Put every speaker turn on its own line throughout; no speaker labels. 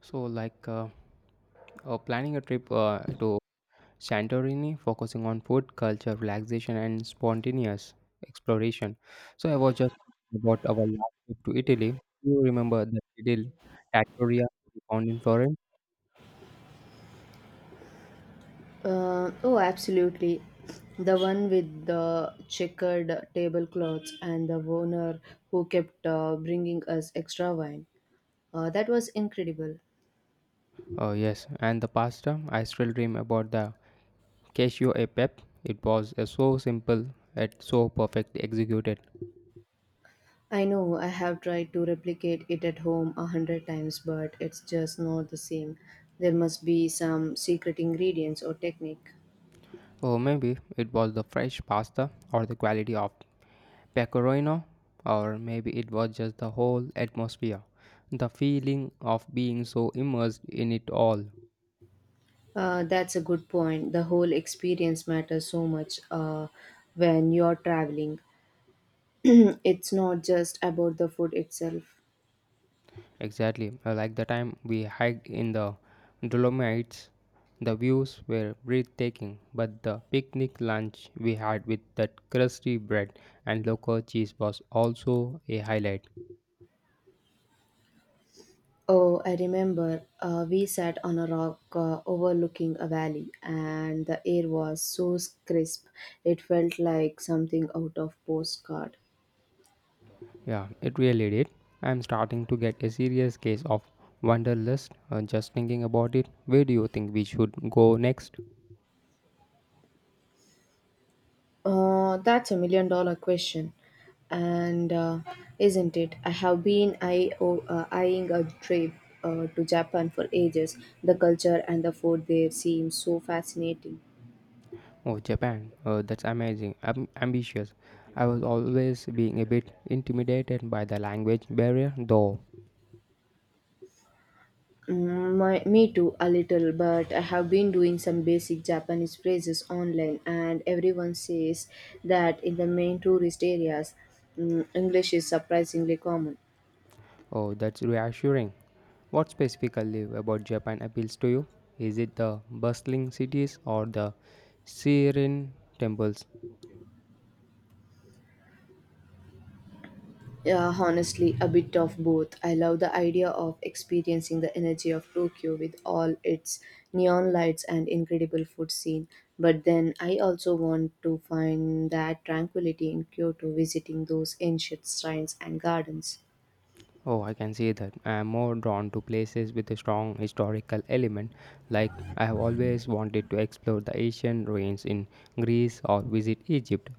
So, like uh, planning a trip to Santorini, focusing on food, culture, relaxation, and spontaneous exploration. So, I was just thinking about our last trip to Italy. You remember the little tattoria we found in Florence?
Oh, absolutely. The one with the checkered tablecloths and the owner who kept bringing us extra wine. That was incredible.
Oh, yes, and the pasta. I still dream about the cashew e pep. It was so simple yet so perfectly executed.
I know I have tried to replicate it at home a hundred times, but it's just not the same. There must be some secret ingredients or technique.
Or maybe it was the fresh pasta or the quality of Pecorino, or maybe it was just the whole atmosphere, the feeling of being so immersed in it all.
That's a good point. The whole experience matters so much when you're traveling. It's not just about the food itself.
Exactly, like the time we hiked in the Dolomites, the views were breathtaking, but the picnic lunch we had with that crusty bread and local cheese was also a highlight.
Oh, I remember we sat on a rock overlooking a valley, and the air was so crisp it felt like something out of postcard.
Yeah, it really did. I'm starting to get a serious case of wanderlust, just thinking about it. Where do you think we should go next?
That's a million dollar question, and isn't it? I have been eyeing a trip to Japan for ages. The culture and the food there seem so fascinating.
Oh, Japan. That's amazing. Am Ambitious. I was always being a bit intimidated by the language barrier, though.
Me too, a little, but I have been doing some basic Japanese phrases online, and everyone says that in the main tourist areas, English is surprisingly common.
Oh, that's reassuring. What specifically about Japan appeals to you? Is it the bustling cities or the serene temples?
Yeah, honestly, a bit of both. I love the idea of experiencing the energy of Tokyo with all its neon lights and incredible food scene, but then I also want to find that tranquility in Kyoto visiting those ancient shrines and gardens.
Oh, I can see that. I am more drawn to places with a strong historical element, like I have always wanted to explore the ancient ruins in Greece or visit Egypt.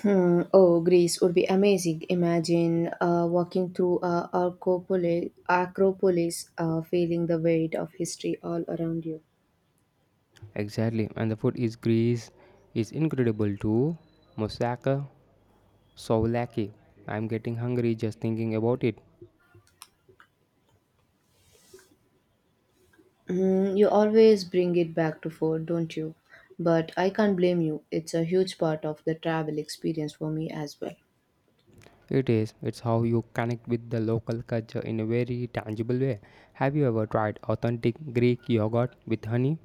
Hmm. Oh, Greece would be amazing. Imagine walking through Acropoli- Acropolis, feeling the weight of history all around you.
Exactly, and the food is Greece is incredible too. Moussaka, souvlaki. I'm getting hungry just thinking about it.
Hmm. You always bring it back to food, don't you? But I can't blame you. It's a huge part of the travel experience for me as well.
It is. It's how you connect with the local culture in a very tangible way. Have you ever tried authentic Greek yogurt with honey?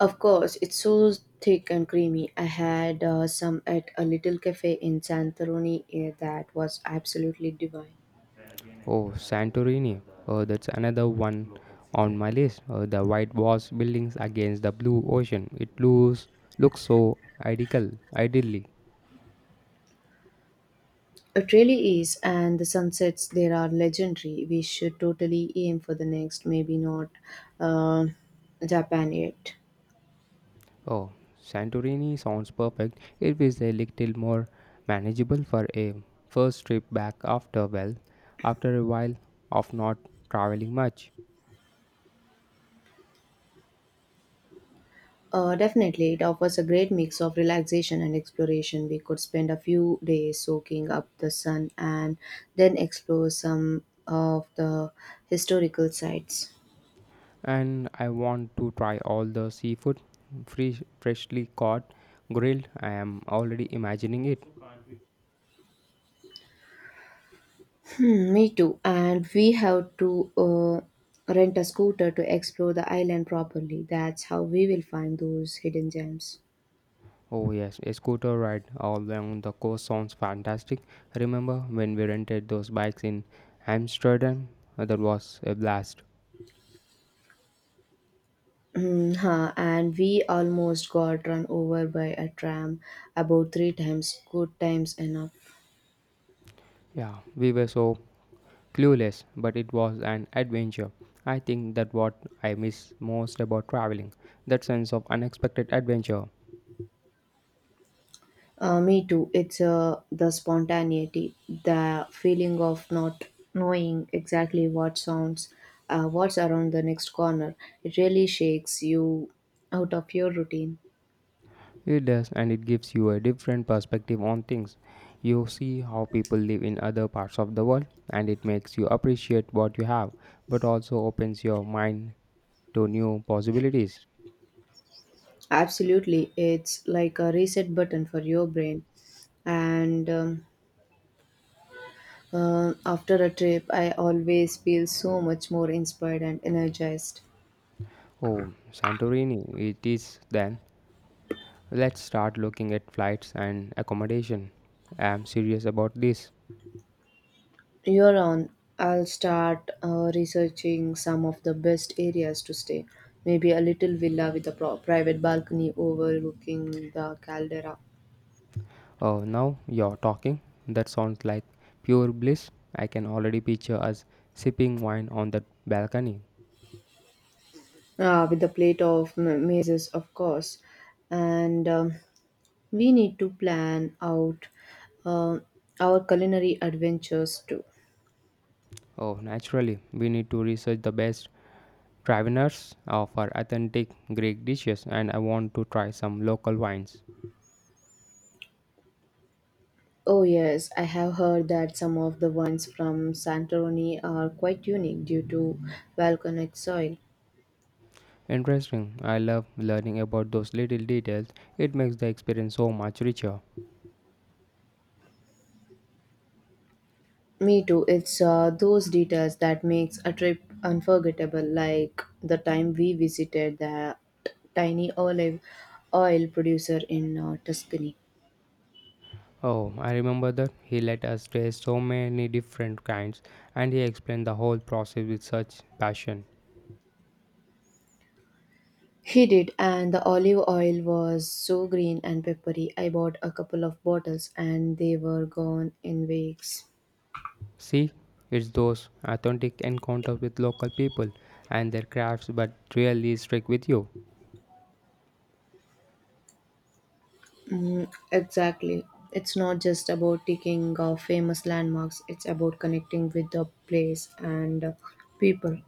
Of course, it's so thick and creamy. I had some at a little cafe in Santorini that was absolutely divine.
Oh, Santorini. Oh, that's another one on my list. Oh, the white washed buildings against the blue ocean. It looks so idyllic.
It really is, and the sunsets there are legendary. We should totally aim for the next, maybe not uh, Japan yet.
Oh, Santorini sounds perfect. It is a little more manageable for a first trip back after, well, after a while of not traveling much.
Definitely, it offers a great mix of relaxation and exploration. We could spend a few days soaking up the sun and then explore some of the historical sites.
And I want to try all the seafood, freshly caught, grilled. I am already imagining it.
Hmm, me too. And we have to rent a scooter to explore the island properly. That's how we will find those hidden gems.
Oh yes, a scooter ride all along the coast sounds fantastic. Remember when we rented those bikes in Amsterdam? That was a blast.
Mm, huh, and we almost got run over by a tram about three times. Good times enough.
Yeah, we were so clueless, but it was an adventure. I think that what I miss most about traveling, that sense of unexpected adventure.
Me too. It's the spontaneity, the feeling of not knowing exactly what sounds, what's around the next corner. It really shakes you out of your routine.
It does, and it gives you a different perspective on things. You see how people live in other parts of the world, and it makes you appreciate what you have, but also opens your mind to new possibilities.
Absolutely. It's like a reset button for your brain. And after a trip, I always feel so much more inspired and energized.
Oh, Santorini, it is then. Let's start looking at flights and accommodation. I am serious about this.
You're on. I'll start researching some of the best areas to stay. Maybe a little villa with a private balcony overlooking the caldera,
Oh, now you're talking. That sounds like pure bliss. I can already picture us sipping wine on that balcony.
with a plate of mazes, of course. And we need to plan out uh, our culinary adventures too.
Oh, naturally, we need to research the best traveners of our authentic Greek dishes, and I want to try some local wines.
Oh, yes, I have heard that some of the wines from Santorini are quite unique due to volcanic soil.
Interesting. I love learning about those little details. It makes the experience so much richer.
Me too. It's those details that makes a trip unforgettable, like the time we visited that tiny olive oil producer in Tuscany.
Oh, I remember that he let us taste so many different kinds, and he explained the whole process with such passion.
He did, and the olive oil was so green and peppery. I bought a couple of bottles, and they were gone in weeks.
See, it's those authentic encounters with local people and their crafts that really stick with you.
Mm, exactly. It's not just about taking famous landmarks. It's about connecting with the place and people.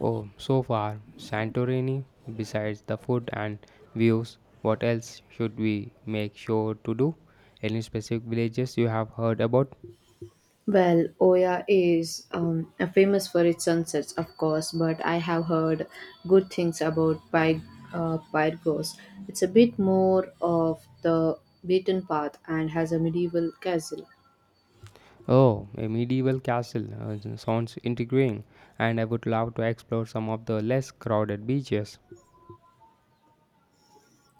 Oh, so far, Santorini, besides the food and views, what else should we make sure to do? Any specific villages you have heard about?
Well, Oya is famous for its sunsets, of course, but I have heard good things about Pyrgos. It's a bit more of the beaten path and has a medieval castle.
Oh, a medieval castle sounds intriguing, and I would love to explore some of the less crowded beaches.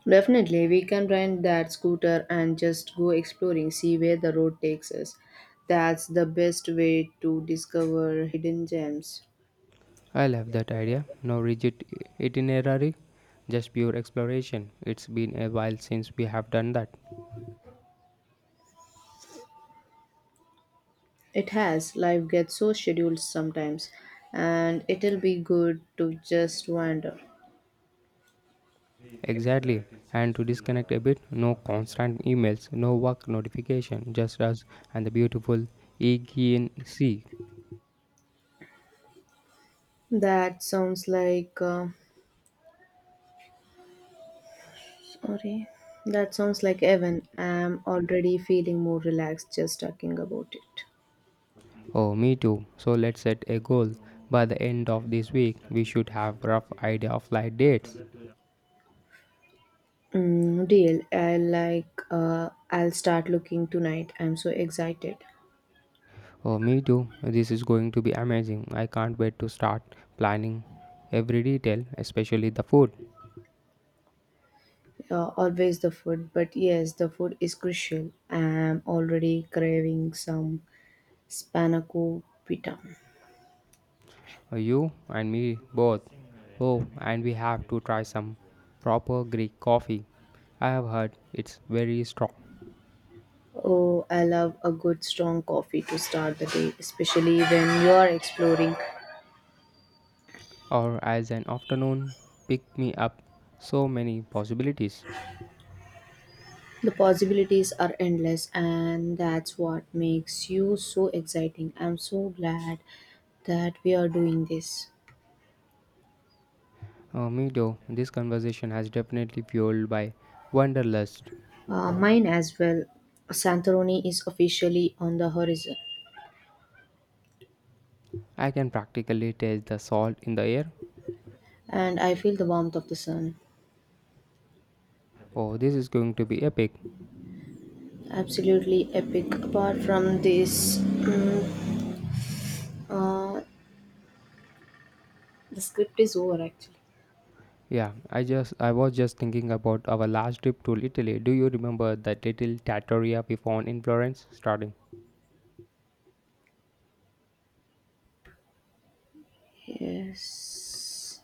Definitely, we can rent that scooter and just go exploring, see where the road takes us. That's the best way to discover hidden gems.
I love that idea. No rigid itinerary, just pure exploration. It's been a while since we have done that.
It has, life gets so scheduled sometimes, and it'll be good to just wander.
Exactly. And to disconnect a bit, no constant emails, no work notification, just us and the beautiful Aegean Sea.
That sounds like sorry. That sounds like Evan. I'm already feeling more relaxed just talking about it.
Oh, me too. So let's set a goal. By the end of this week, we should have rough idea of flight dates.
Mm, deal. I like. I'll start looking tonight. I'm so excited.
Oh, me too. This is going to be amazing. I can't wait to start planning every detail, especially the food.
Always the food, but yes, the food is crucial. I'm already craving some spanakopita.
You and me both. Oh, and we have to try some proper Greek coffee. I have heard it's very strong.
Oh, I love a good strong coffee to start the day, especially when you are exploring.
Or as an afternoon pick me up. So many possibilities.
The possibilities are endless, and that's what makes you so exciting. I'm so glad that we are doing this.
Me though, this conversation has definitely fueled by wanderlust.
Mine as well. Santorini is officially on the horizon,
I can practically taste the salt in the air.
and I feel the warmth of the sun.
Oh, this is going to be epic.
Absolutely epic. Apart from this, mm, uh, the script is over actually.
Yeah, I was just thinking about our last trip to Italy. Do you remember that little trattoria we found in Florence starting?
Yes,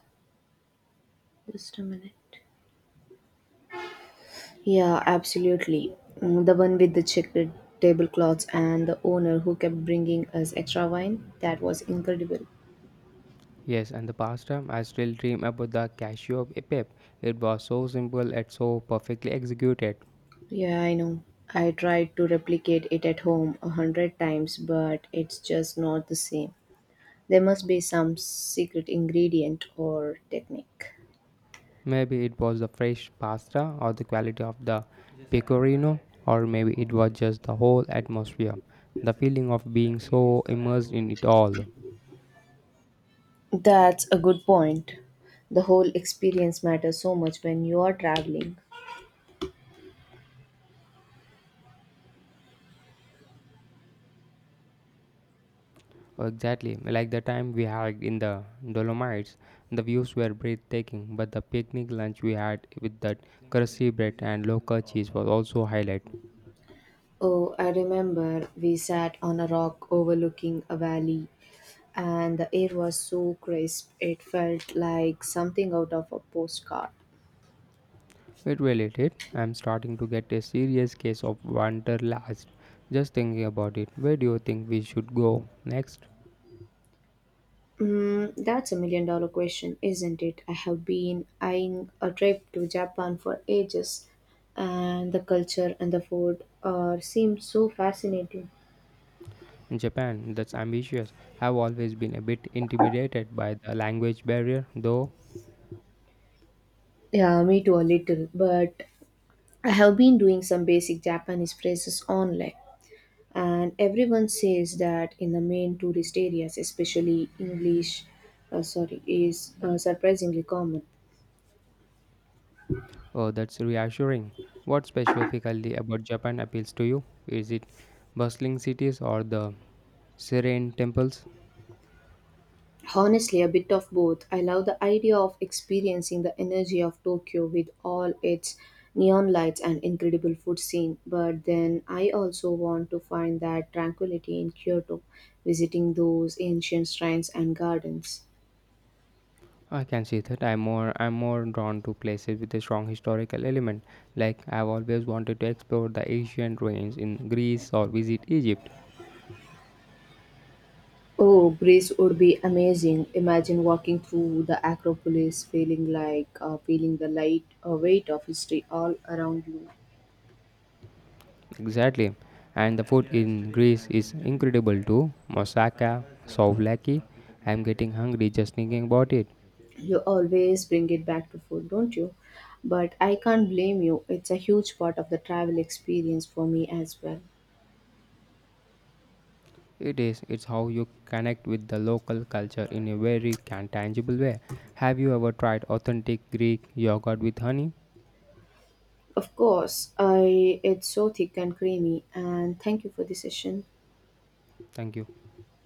just a minute. Yeah, absolutely. The one with the checkered tablecloths and the owner who kept bringing us extra wine, that was incredible.
Yes, and the pasta, I still dream about the cashew pep. It was so simple and so perfectly executed.
Yeah, I know. I tried to replicate it at home a hundred times, but it's just not the same. There must be some secret ingredient or technique.
Maybe it was the fresh pasta or the quality of the pecorino, or maybe it was just the whole atmosphere, the feeling of being so immersed in it all.
That's a good point. The whole experience matters so much when you are traveling.
Oh, Exactly, like the time we had in the Dolomites, the views were breathtaking, but the picnic lunch we had with that crusty bread and local cheese was also highlight.
Oh, I remember we sat on a rock overlooking a valley, and the air was so crisp it felt like something out of a postcard.
It really did. I'm starting to get a serious case of wanderlust. Just thinking about it, where do you think we should go next?
Mm, that's a million dollar question, isn't it? I have been eyeing a trip to Japan for ages, and the culture and the food are seem so fascinating.
Japan, that's ambitious. I've always been a bit intimidated by the language barrier, though.
Yeah, me too, a little, but I have been doing some basic Japanese phrases online, and everyone says that in the main tourist areas especially English sorry is surprisingly common.
Oh, that's reassuring. What specifically about Japan appeals to you? Is it bustling cities or the serene temples?
Honestly, a bit of both. I love the idea of experiencing the energy of Tokyo with all its neon lights and incredible food scene, but then I also want to find that tranquility in Kyoto visiting those ancient shrines and gardens.
I can see that. I'm more drawn to places with a strong historical element. Like I've always wanted to explore the ancient ruins in Greece or visit Egypt.
Oh, Greece would be amazing. Imagine walking through the Acropolis feeling the light weight of history all around you.
Exactly. And the food in Greece is incredible too. Moussaka, souvlaki. I'm getting hungry just thinking about it.
You always bring it back to food, don't you? But I can't blame you. It's a huge part of the travel experience for me as well.
It is. It's how you connect with the local culture in a very tangible way. Have you ever tried authentic Greek yogurt with honey?
Of course, I it's so thick and creamy and thank you for the session.
Thank you.